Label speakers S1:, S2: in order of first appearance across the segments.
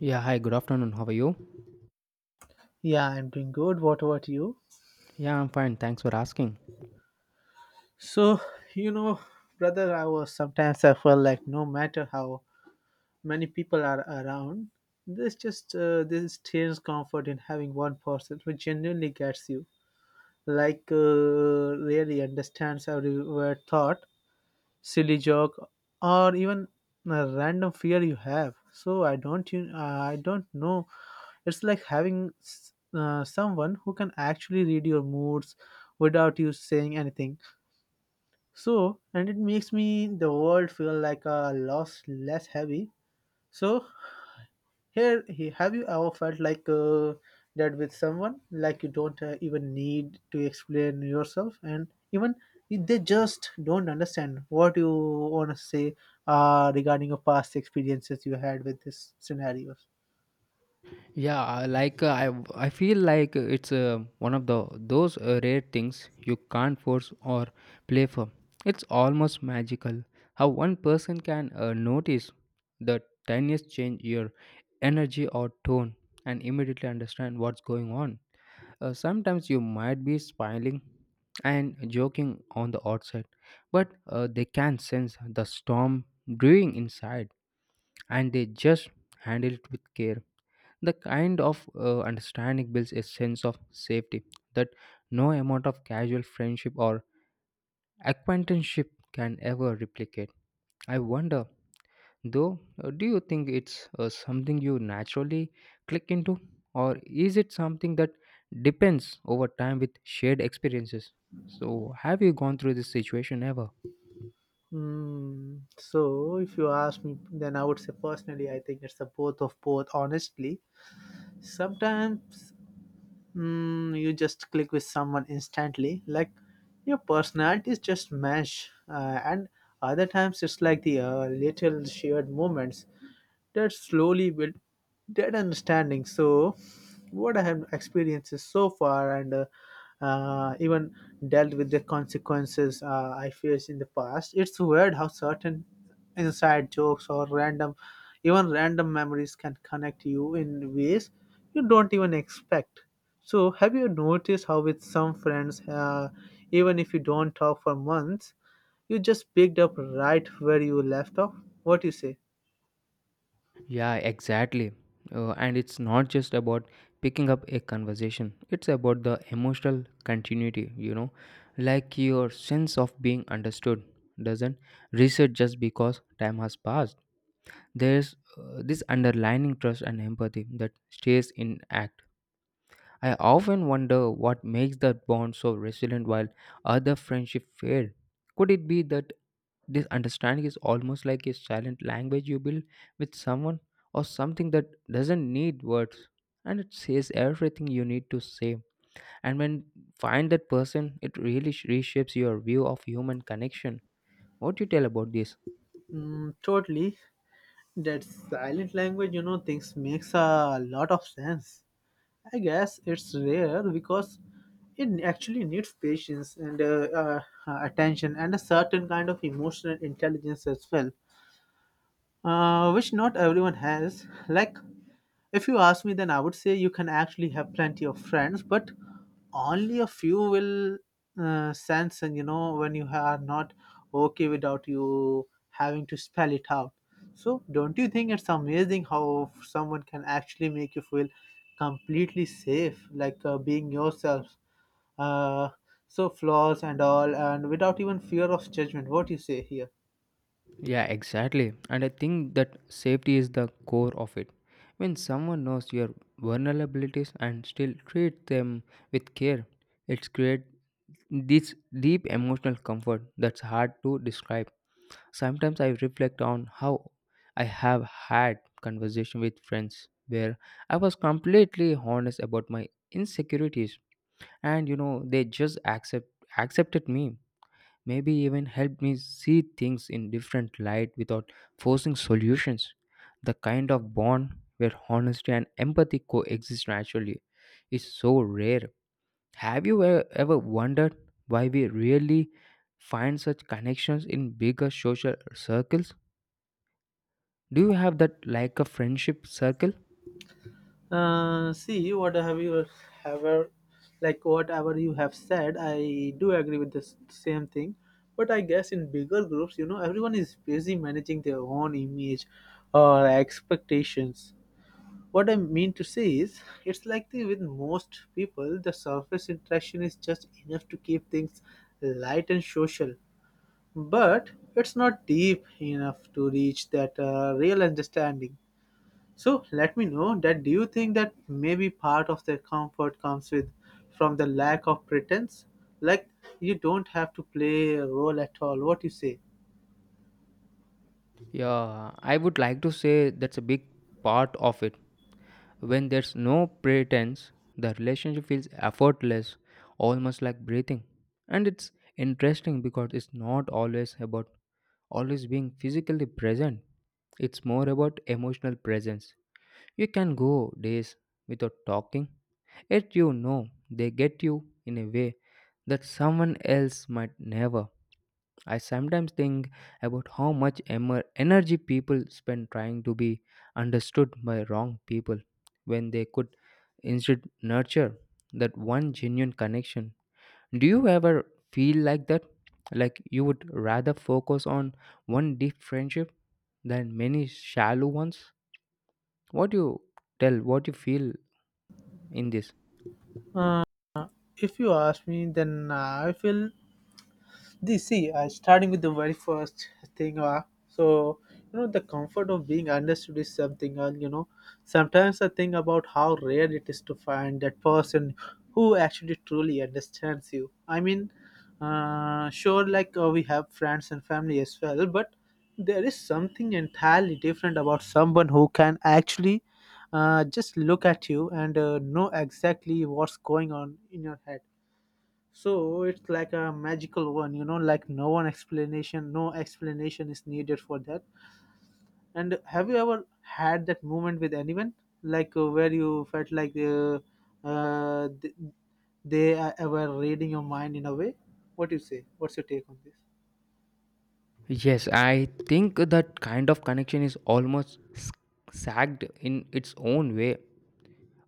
S1: Yeah, hi, good afternoon. How are you?
S2: Yeah, I'm doing good. What about you?
S1: Yeah, I'm fine. Thanks for asking.
S2: So, you know, brother, I was sometimes I felt like no matter how many people are around, there's just this strange comfort in having one person who genuinely gets you, like really understands every word thought silly joke, or even a random fear you have. So I don't know. It's like having someone who can actually read your moods without you saying anything. And it makes me the world feel like a loss less heavy. So have you ever felt like that with someone, like you don't even need to explain yourself, and even if they just don't understand what you want to say regarding your past experiences you had with these scenarios?
S1: Yeah, I feel like it's one of the those rare things you can't force or play for. It's almost magical how one person can notice the tiniest change your energy or tone and immediately understand what's going on. Sometimes you might be smiling and joking on the outside, but they can sense the storm brewing inside and they just handle it with care. The kind of understanding builds a sense of safety that no amount of casual friendship or acquaintanceship can ever replicate. I wonder, though, do you think it's something you naturally click into, or is it something that depends over time with shared experiences? So, have you gone through this situation ever?
S2: Mm, so if you ask me, then I would say personally, I think it's a both of both. Honestly, sometimes you just click with someone instantly like your personalities just mesh and other times it's like the little shared moments that slowly built that understanding. So, what I have experienced so far, and even dealt with the consequences I faced in the past, it's weird how certain inside jokes or even random memories can connect you in ways you don't even expect. So, have you noticed how with some friends, even if you don't talk for months, you just picked up right where you left off? What do you say?
S1: Yeah, exactly. And it's not just about picking up a conversation, it's about the emotional continuity, you know, like your sense of being understood doesn't reset just because time has passed. There's this underlying trust and empathy that stays intact. I often wonder what makes that bond so resilient while other friendships fade. Could it be that this understanding is almost like a silent language you build with someone or something that doesn't need words, and it says everything you need to say. And when find that person, it really reshapes your view of human connection. What do you tell about this?
S2: Mm, totally. That silent language, you know, things makes a lot of sense. I guess it's rare because it actually needs patience and attention and a certain kind of emotional intelligence as well, which not everyone has. Like, if you ask me, then I would say you can actually have plenty of friends, but only a few will sense, and you know, when you are not okay without you having to spell it out. So, don't you think it's amazing how someone can actually make you feel completely safe, like being yourself? Uh, so flaws and all, and without even fear of judgment. What do you say here?
S1: Yeah, exactly. And I think that safety is the core of it. When someone knows your vulnerabilities and still treat them with care, it's create this deep emotional comfort that's hard to describe. Sometimes I reflect on how I have had conversation with friends where I was completely honest about my insecurities, and you know they just accepted me, maybe even helped me see things in different light without forcing solutions. The kind of bond where honesty and empathy coexist naturally is so rare. Have you ever wondered why we really find such connections in bigger social circles? Do you have that like a friendship circle?
S2: See, what have you ever, like whatever you have said, I do agree with the same thing. But I guess in bigger groups, you know, everyone is busy managing their own image or expectations. What I mean to say is, it's like with most people, the surface interaction is just enough to keep things light and social, but it's not deep enough to reach that real understanding. So let me know that do you think that maybe part of their comfort comes with from the lack of pretense? Like you don't have to play a role at all. What you say?
S1: Yeah, I would like to say that's a big part of it. When there's no pretense, the relationship feels effortless, almost like breathing. And it's interesting because it's not always about always being physically present, it's more about emotional presence. You can go days without talking, yet you know they get you in a way that someone else might never. I sometimes think about how much energy people spend trying to be understood by wrong people when they could instead nurture that one genuine connection. Do you ever feel like that? Like you would rather focus on one deep friendship than many shallow ones? What do you tell? What you feel in this?
S2: Uh, if you ask me, then I feel this, see, starting with the very first thing, you know, the comfort of being understood is something, you know, sometimes I think about how rare it is to find that person who actually truly understands you. I mean, sure, like we have friends and family as well, but there is something entirely different about someone who can actually just look at you and know exactly what's going on in your head. So it's like a magical one, you know, like no explanation is needed for that. And have you ever had that moment with anyone, like where you felt like uh, th- they were reading your mind in a way? What do you say? What's your take on this?
S1: Yes, I think that kind of connection is almost sagged in its own way.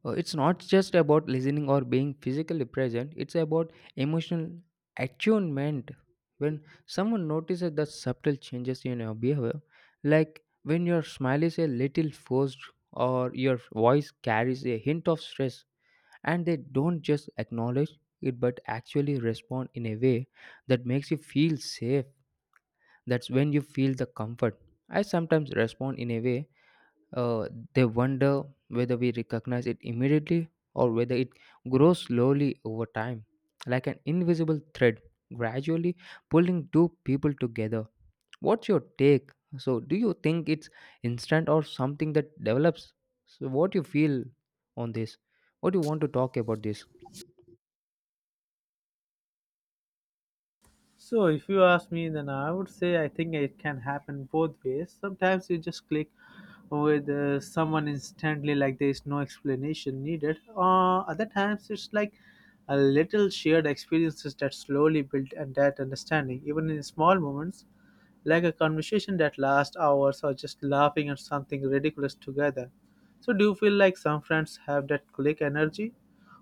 S1: It's not just about listening or being physically present, it's about emotional attunement. When someone notices the subtle changes in your behavior, like when your smile is a little forced or your voice carries a hint of stress, and they don't just acknowledge it but actually respond in a way that makes you feel safe, that's when you feel the comfort. I sometimes respond in a way, uh, they wonder whether we recognize it immediately or whether it grows slowly over time, like an invisible thread gradually pulling two people together. What's your take? So, do you think it's instant or something that develops? So, what you feel on this? What do you want to talk about this?
S2: So, if you ask me, then I would say I think it can happen both ways. Sometimes you just click with someone instantly, like there is no explanation needed. Other times, it's like a little shared experiences that slowly build and that understanding, even in small moments, like a conversation that lasts hours or just laughing at something ridiculous together. So, do you feel like some friends have that click energy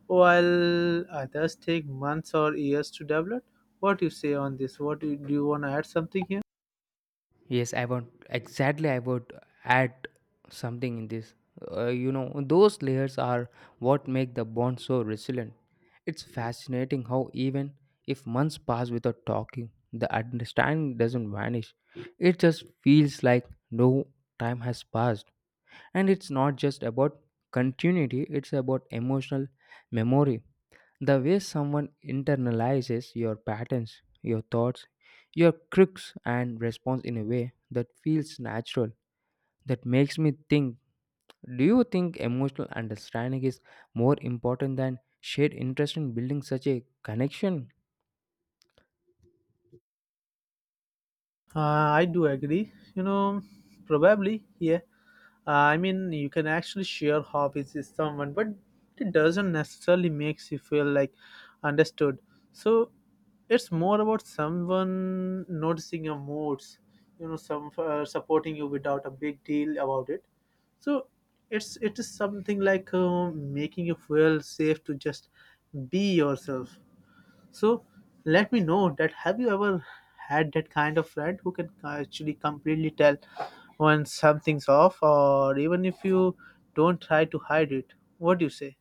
S2: while others take months or years to develop? What you say on this? Do you want to add something here?
S1: Yes, I want exactly. I would add something in this. You know, those layers are what make the bond so resilient. It's fascinating how even if months pass without talking, the understanding doesn't vanish. It just feels like no time has passed. And it's not just about continuity; it's about emotional memory. The way someone internalizes your patterns, your thoughts, your quirks, and responds in a way that feels natural, that makes me think, do you think emotional understanding is more important than shared interest in building such a connection?
S2: I do agree. You know, probably, yeah. I mean, you can actually share hobbies with someone, but it doesn't necessarily makes you feel like understood. So it's more about someone noticing your moods, you know, some supporting you without a big deal about it. So it is something like making you feel safe to just be yourself. So let me know that have you ever had that kind of friend who can actually completely tell when something's off, or even if you don't try to hide it? What do you say?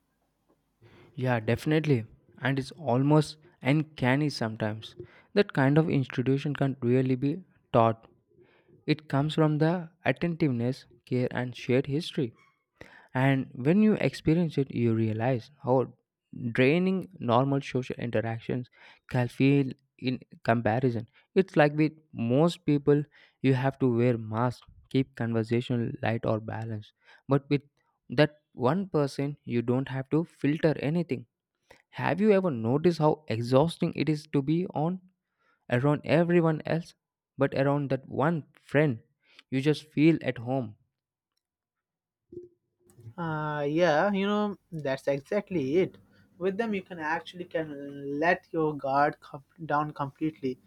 S1: Yeah, definitely. And it's almost uncanny sometimes. That kind of institution can't really be taught. It comes from the attentiveness, care, and shared history. And when you experience it, you realize how draining normal social interactions can feel in comparison. It's like with most people, you have to wear masks, keep conversation light or balanced. But with that one person, you don't have to filter anything. Have you ever noticed how exhausting it is to be on around everyone else, but around that one friend, you just feel at home.
S2: Yeah, you know, that's exactly it. With them, you can actually can let your guard down completely.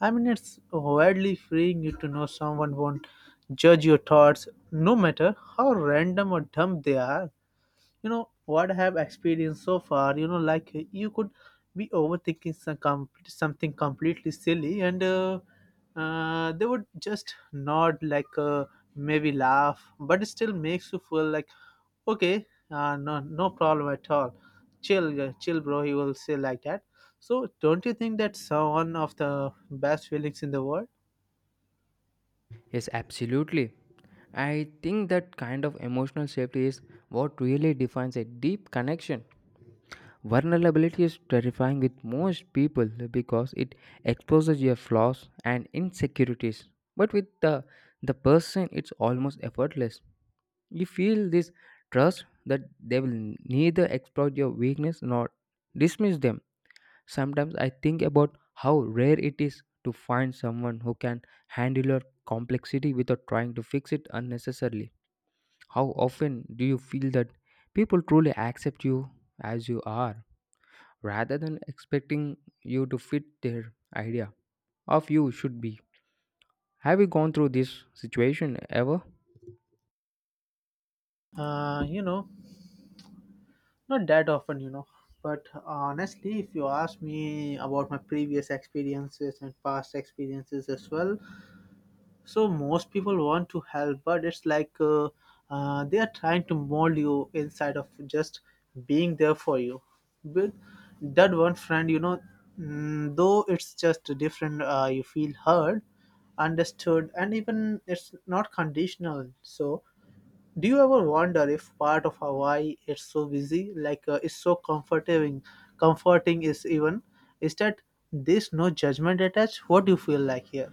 S2: I mean, it's weirdly freeing you to know someone won't judge your thoughts, no matter how random or dumb they are. You know what I have experienced so far. You know, like you could be overthinking something completely silly, and they would just nod, like maybe laugh, but it still makes you feel like okay, no no problem at all. Chill, chill bro, he will say like that. So don't you think that's one of the best feelings in the world?
S1: Yes, absolutely. I think that kind of emotional safety is what really defines a deep connection. Vulnerability is terrifying with most people because it exposes your flaws and insecurities. But with the person, it's almost effortless. You feel this trust that they will neither exploit your weakness nor dismiss them. Sometimes I think about how rare it is to find someone who can handle your complexity without trying to fix it unnecessarily. How often do you feel that people truly accept you as you are rather than expecting you to fit their idea of you should be? Have you gone through this situation ever?
S2: uh, you know Not that often, you know. But honestly, if you ask me about my previous experiences and past experiences as well, so most people want to help, but it's like they are trying to mold you inside of just being there for you. With that one friend, you know, mm, though it's just different, you feel heard, understood, and even it's not conditional. So do you ever wonder if part of why it's so busy, like it's so comforting is even, is that there's no judgment attached? What do you feel like here?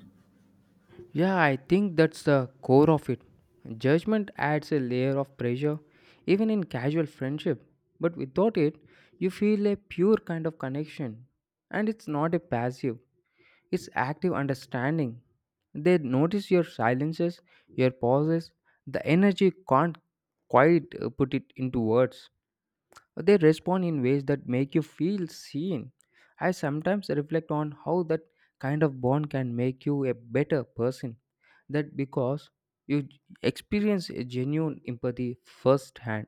S1: Yeah, I think that's the core of it. Judgment adds a layer of pressure, even in casual friendship. But without it, you feel a pure kind of connection. And it's not a passive, it's active understanding. They notice your silences, your pauses, the energy can't quite put it into words. They respond in ways that make you feel seen. I sometimes reflect on how that kind of bond can make you a better person. That because you experience a genuine empathy firsthand.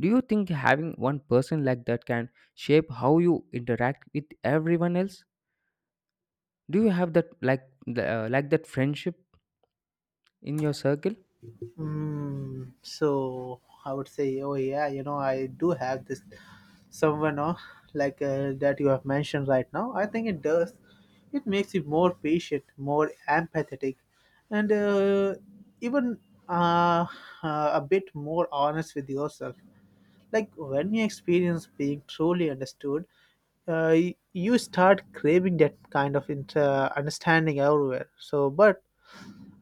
S1: Do you think having one person like that can shape how you interact with everyone else? Do you have that like like that friendship in your circle?
S2: Mm, so I would say, oh yeah, you know, I do have this someone, like that you have mentioned right now. I think it does. It makes you more patient, more empathetic, and even uh, a bit more honest with yourself. Like when you experience being truly understood, you start craving that kind of understanding everywhere. So, but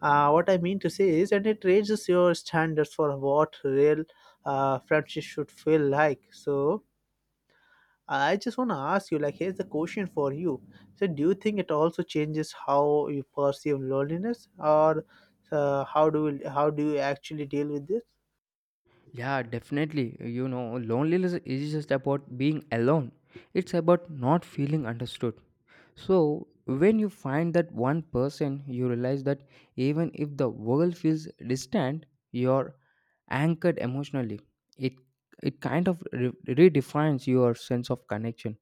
S2: uh, what I mean to say is, and it raises your standards for what real friendship should feel like. So, I just want to ask you, like, here's the question for you. So, do you think it also changes how you perceive loneliness, or how do you actually deal with this?
S1: Yeah, definitely. You know, loneliness is just about being alone. It's about not feeling understood. So, when you find that one person, you realize that even if the world feels distant, you're anchored emotionally. It it kind of redefines your sense of connection.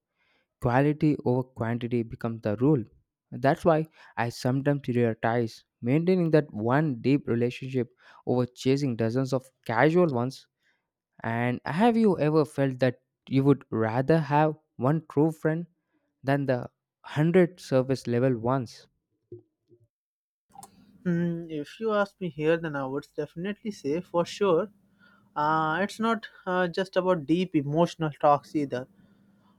S1: Quality over quantity becomes the rule. That's why I sometimes prioritize maintaining that one deep relationship over chasing dozens of casual ones, and have you ever felt that you would rather have one true friend than the 100 surface level ones?
S2: Mm, if you ask me here, then I would definitely say for sure. It's not just about deep emotional talks either.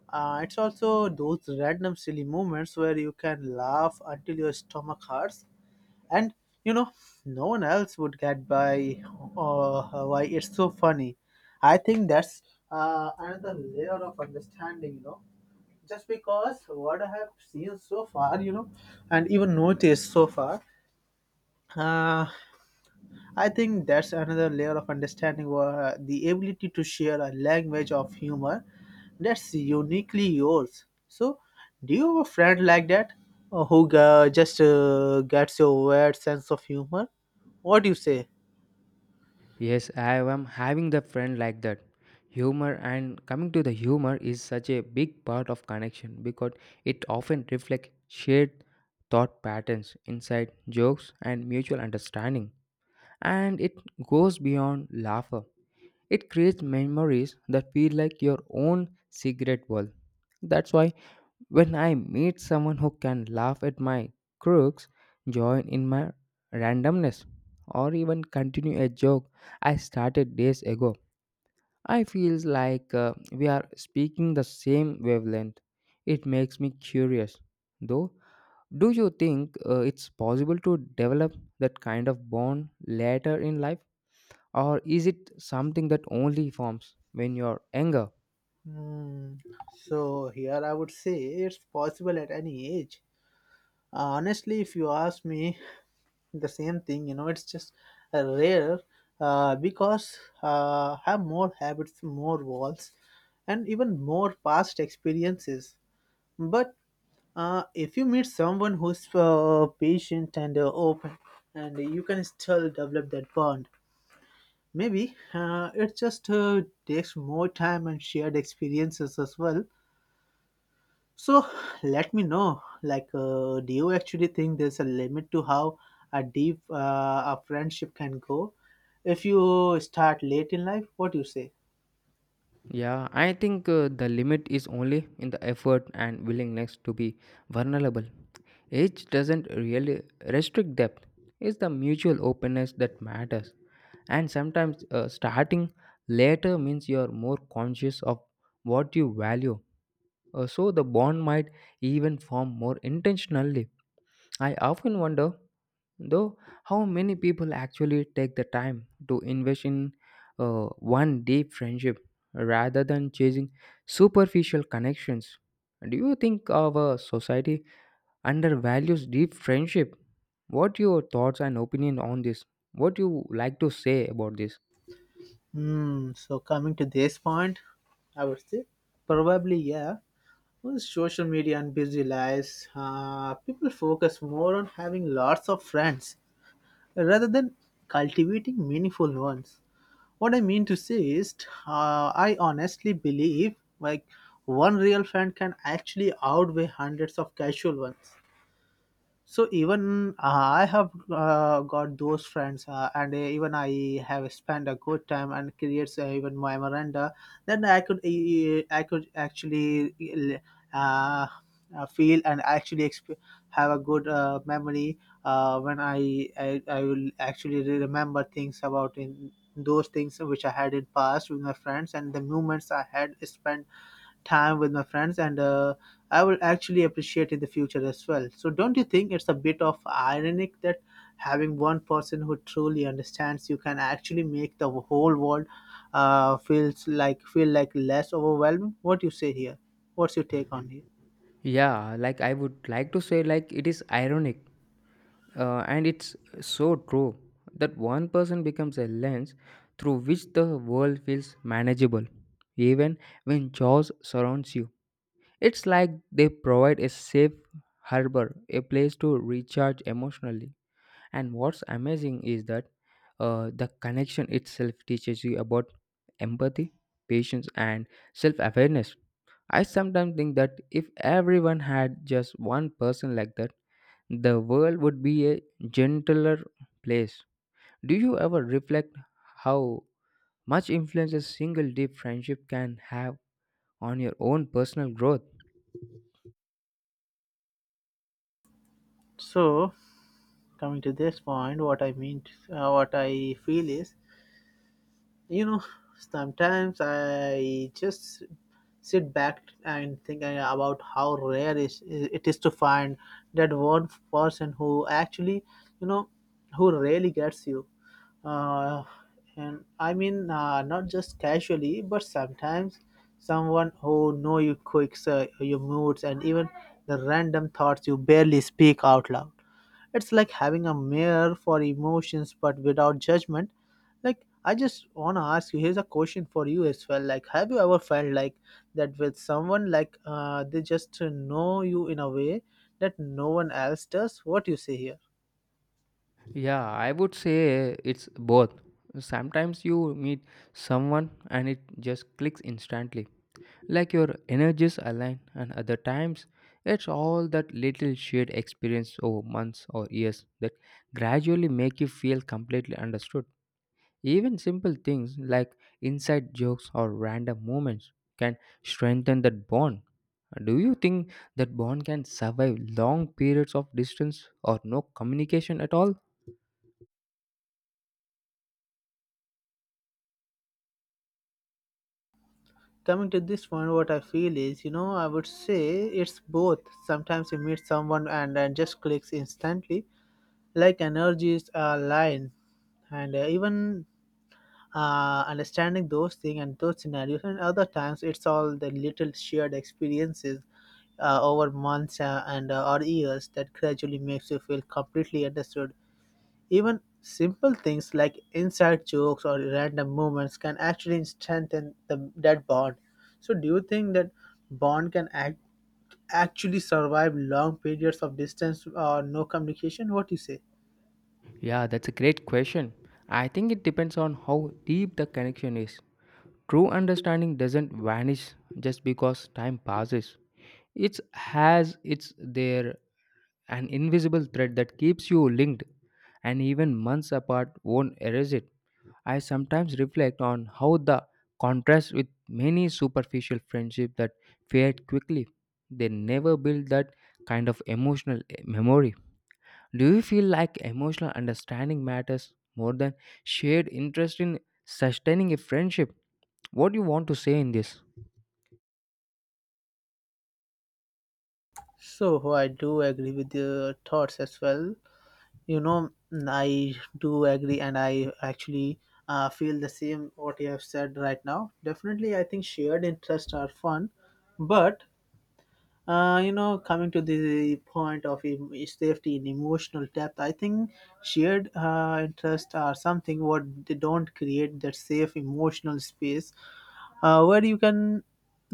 S2: It's also those random silly moments where you can laugh until your stomach hurts, and you know no one else would get by why it's so funny. I think that's another layer of understanding, you know. Just because what I have seen so far, you know, and even noticed so far, uh, I think that's another layer of understanding, the ability to share a language of humor that's uniquely yours. So, do you have a friend like that, who just gets your weird sense of humor? What do you say?
S1: Yes, I am having the friend like that. Humor, and coming to the humor, is such a big part of connection because it often reflects shared thought patterns, inside jokes, and mutual understanding. And it goes beyond laughter. It creates memories that feel like your own secret world. That's why when I meet someone who can laugh at my crooks, join in my randomness, or even continue a joke I started days ago, I feel like we are speaking the same wavelength. It makes me curious. Though, do you think it's possible to develop that kind of bond later in life, or is it something that only forms when you're younger?
S2: Hmm. So, here I would say it's possible at any age. Honestly, if you ask me, the same thing, you know, it's just rare, because have more habits, more walls, and even more past experiences. But if you meet someone who's patient and open, and you can still develop that bond, maybe it just takes more time and shared experiences as well. So let me know, like, do you actually think there's a limit to how a deep a friendship can go? If you start late in life, what do you say?
S1: Yeah, I think the limit is only in the effort and willingness to be vulnerable. Age doesn't really restrict depth, it's the mutual openness that matters. And sometimes starting later means you're more conscious of what you value. So the bond might even form more intentionally. I often wonder, though, how many people actually take the time to invest in one deep friendship rather than chasing superficial connections? Do you think our society undervalues deep friendship? What your thoughts and opinion on this? What you like to say about this?
S2: Hmm. So coming to this point, I would say probably yeah. With social media and busy lives, people focus more on having lots of friends rather than cultivating meaningful ones. What I mean to say is, I honestly believe like one real friend can actually outweigh hundreds of casual ones. So even I have got those friends and even I have spent a good time and creates even my memoranda, then I could actually uh, feel and actually have a good memory when I will actually remember things about in those things which I had in past with my friends, and the moments I had spent time with my friends, and I will actually appreciate in the future as well. So don't you think it's a bit of ironic that having one person who truly understands you can actually make the whole world feel like less overwhelming? What do you say here? What's your take on here?
S1: Yeah, like I would like to say like it is ironic. And it's so true that one person becomes a lens through which the world feels manageable, even when chaos surrounds you. It's like they provide a safe harbor, a place to recharge emotionally. And what's amazing is that the connection itself teaches you about empathy, patience, and self awareness. I sometimes think that if everyone had just one person like that, the world would be a gentler place. Do you ever reflect how much influence a single deep friendship can have on your own personal growth?
S2: So coming to this point, what I feel is, you know, sometimes I just sit back and think about how it is to find that one person who actually, you know, who really gets you. Uh, and I mean, not just casually, but sometimes someone who know your quirks, your moods, and even the random thoughts you barely speak out loud. It's like having a mirror for emotions but without judgment. Like, I just want to ask you, here's a question for you as well. Like, have you ever felt like that with someone like they just know you in a way that no one else does? What you say here?
S1: Yeah, I would say it's both. Sometimes you meet someone and it just clicks instantly, like your energies align, and other times it's all that little shared experience over months or years that gradually make you feel completely understood. Even simple things like inside jokes or random moments can strengthen that bond. Do you think that bond can survive long periods of distance or no communication at all?
S2: Coming to this point, what I feel is, you know, I would say it's both. Sometimes you meet someone and just clicks instantly, like energies are aligned, and even understanding those things and those scenarios, and other times it's all the little shared experiences over months and or years that gradually makes you feel completely understood. Even simple things like inside jokes or random moments can actually strengthen that bond. So do you think that bond can actually survive long periods of distance or no communication? What do you say?
S1: Yeah, that's a great question. I think it depends on how deep the connection is. True understanding doesn't vanish just because time passes. It has its there an invisible thread that keeps you linked, and even months apart won't erase it. I sometimes reflect on how the contrast with many superficial friendships that fade quickly. They never build that kind of emotional memory. Do you feel like emotional understanding matters more than shared interest in sustaining a friendship? What do you want to say in this?
S2: So I do agree with your thoughts as well. You know, mm, I do agree, and I actually feel the same what you have said right now. Definitely, I think shared interests are fun, but you know, coming to the point of safety and emotional depth, I think shared interests are something what they don't create that safe emotional space where you can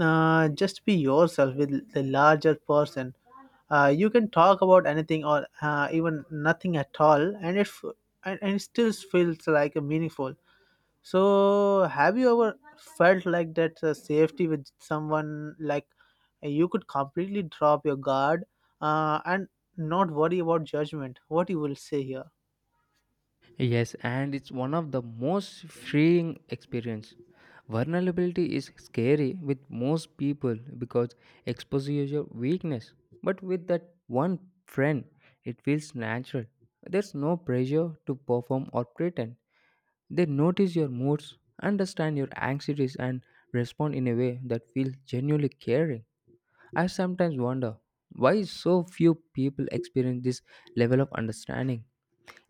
S2: just be yourself with the larger person. You can talk about anything or even nothing at all, and it still feels like a meaningful. So, have you ever felt like that safety with someone, like you could completely drop your guard and not worry about judgment? What you will say here?
S1: Yes, and it's one of the most freeing experience. Vulnerability is scary with most people because exposes your weakness. But with that one friend, it feels natural. There's no pressure to perform or pretend. They notice your moods, understand your anxieties, and respond in a way that feels genuinely caring. I sometimes wonder why so few people experience this level of understanding.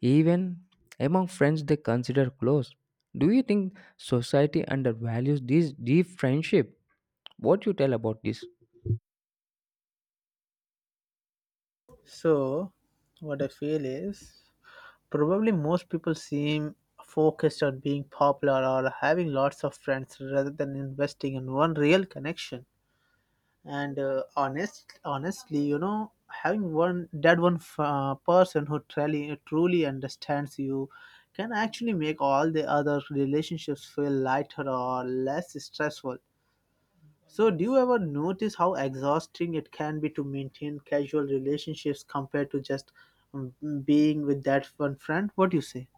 S1: Even among friends they consider close. Do you think society undervalues this deep friendship? What you tell about this?
S2: So, what I feel is, probably most people seem focused on being popular or having lots of friends rather than investing in one real connection. And honestly, you know, having one that one person who truly understands you can actually make all the other relationships feel lighter or less stressful. So, do you ever notice how exhausting it can be to maintain casual relationships compared to just um, being with that one friend? What do you say?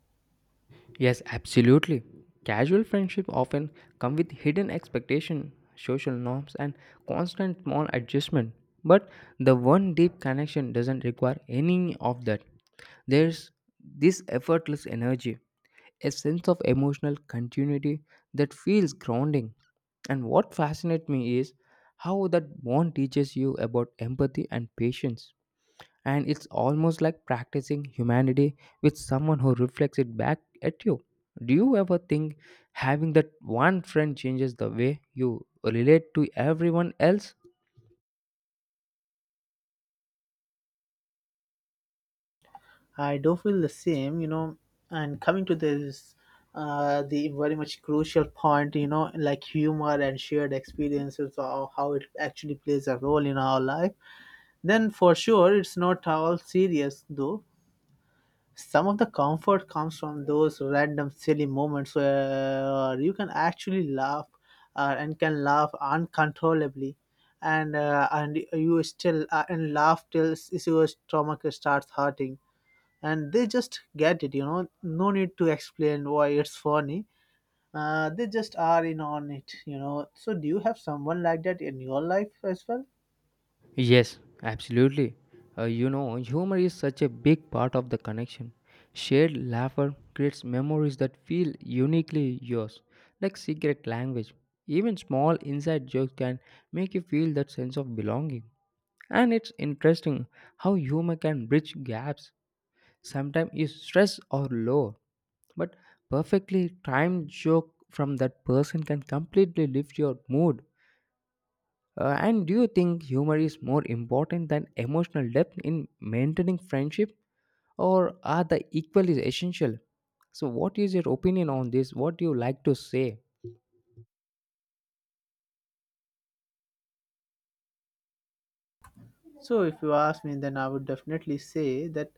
S1: Yes, absolutely. Casual friendship often come with hidden expectation, social norms and constant small adjustment. But the one deep connection doesn't require any of that. There's this effortless energy, a sense of emotional continuity that feels grounding. And what fascinates me is how that bond teaches you about empathy and patience. And it's almost like practicing humanity with someone who reflects it back at you. Do you ever think having that one friend changes the way you relate to everyone else?
S2: I do feel the same, you know. And coming to this, the very much crucial point, you know, like humor and shared experiences, or how it actually plays a role in our life. Then, for sure, it's not all serious though. Some of the comfort comes from those random silly moments where you can actually laugh and can laugh uncontrollably, and you still and laugh till your stomach starts hurting, and they just get it, you know, no need to explain why it's funny. They just are in on it, you know. So do you have someone like that in your life as well?
S1: Yes, absolutely. You know, humor is such a big part of the connection. Shared laughter creates memories that feel uniquely yours, like secret language. Even small inside jokes can make you feel that sense of belonging. And it's interesting how humor can bridge gaps. Sometimes you stress or low, but perfectly timed joke from that person can completely lift your mood, and do you think humor is more important than emotional depth in maintaining friendship, or are they equally essential? So, what is your opinion on this? What do you like to say?
S2: So if you ask me, then I would definitely say that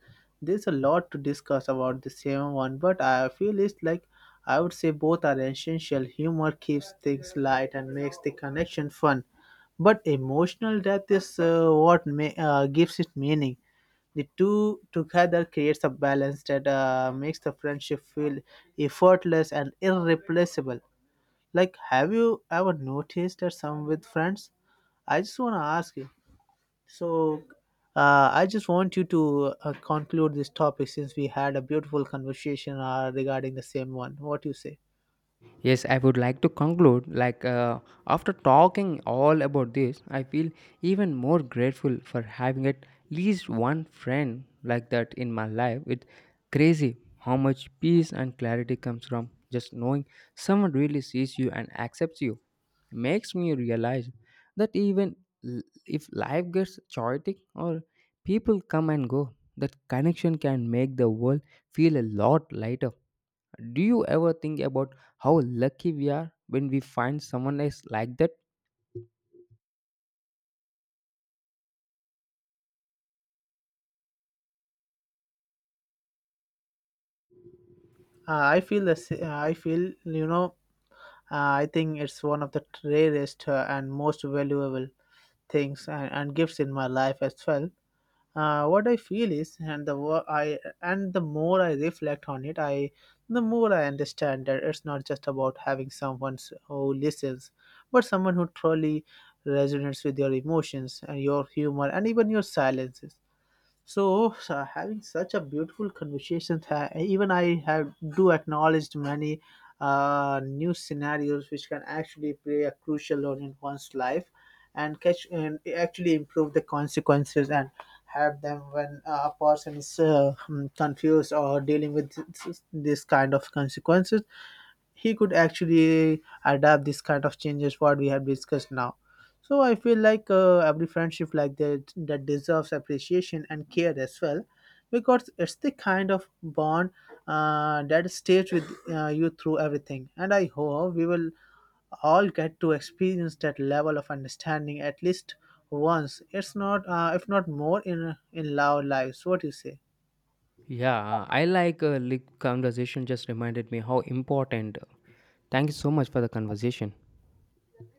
S2: there's a lot to discuss about the same one, but I feel it's like I would say both are essential. Humor keeps things light and makes the connection fun, but emotional death is what gives it meaning. The two together creates a balance that makes the friendship feel effortless and irreplaceable. Like, have you ever noticed that some with friends? I just want to ask you. So, I just want you to conclude this topic, since we had a beautiful conversation regarding the same one. What do you say?
S1: Yes, I would like to conclude like after talking all about this, I feel even more grateful for having at least one friend like that in my life. It's crazy how much peace and clarity comes from just knowing someone really sees you and accepts you. Makes me realize that even l- if life gets chaotic or people come and go, that connection can make the world feel a lot lighter. Do you ever think about how lucky we are when we find someone else like that?
S2: I feel, you know. I think it's one of the rarest and most valuable things and gifts in my life as well. What I feel is, and the more I reflect on it, I the more I understand that it's not just about having someone who listens, but someone who truly resonates with your emotions and your humor and even your silences. So, having such a beautiful conversation, even I have do acknowledged many new scenarios which can actually play a crucial role in one's life, and actually improve the consequences and have them when a person is confused or dealing with this kind of consequences, he could actually adapt this kind of changes what we have discussed now. So I feel like every friendship like that deserves appreciation and care as well, because it's the kind of bond that stays with you through everything. And I hope we will all get to experience that level of understanding at least once, it's not if not more, in our lives. What do you say?
S1: Yeah, I like conversation just reminded me how important. Thank you so much for the conversation.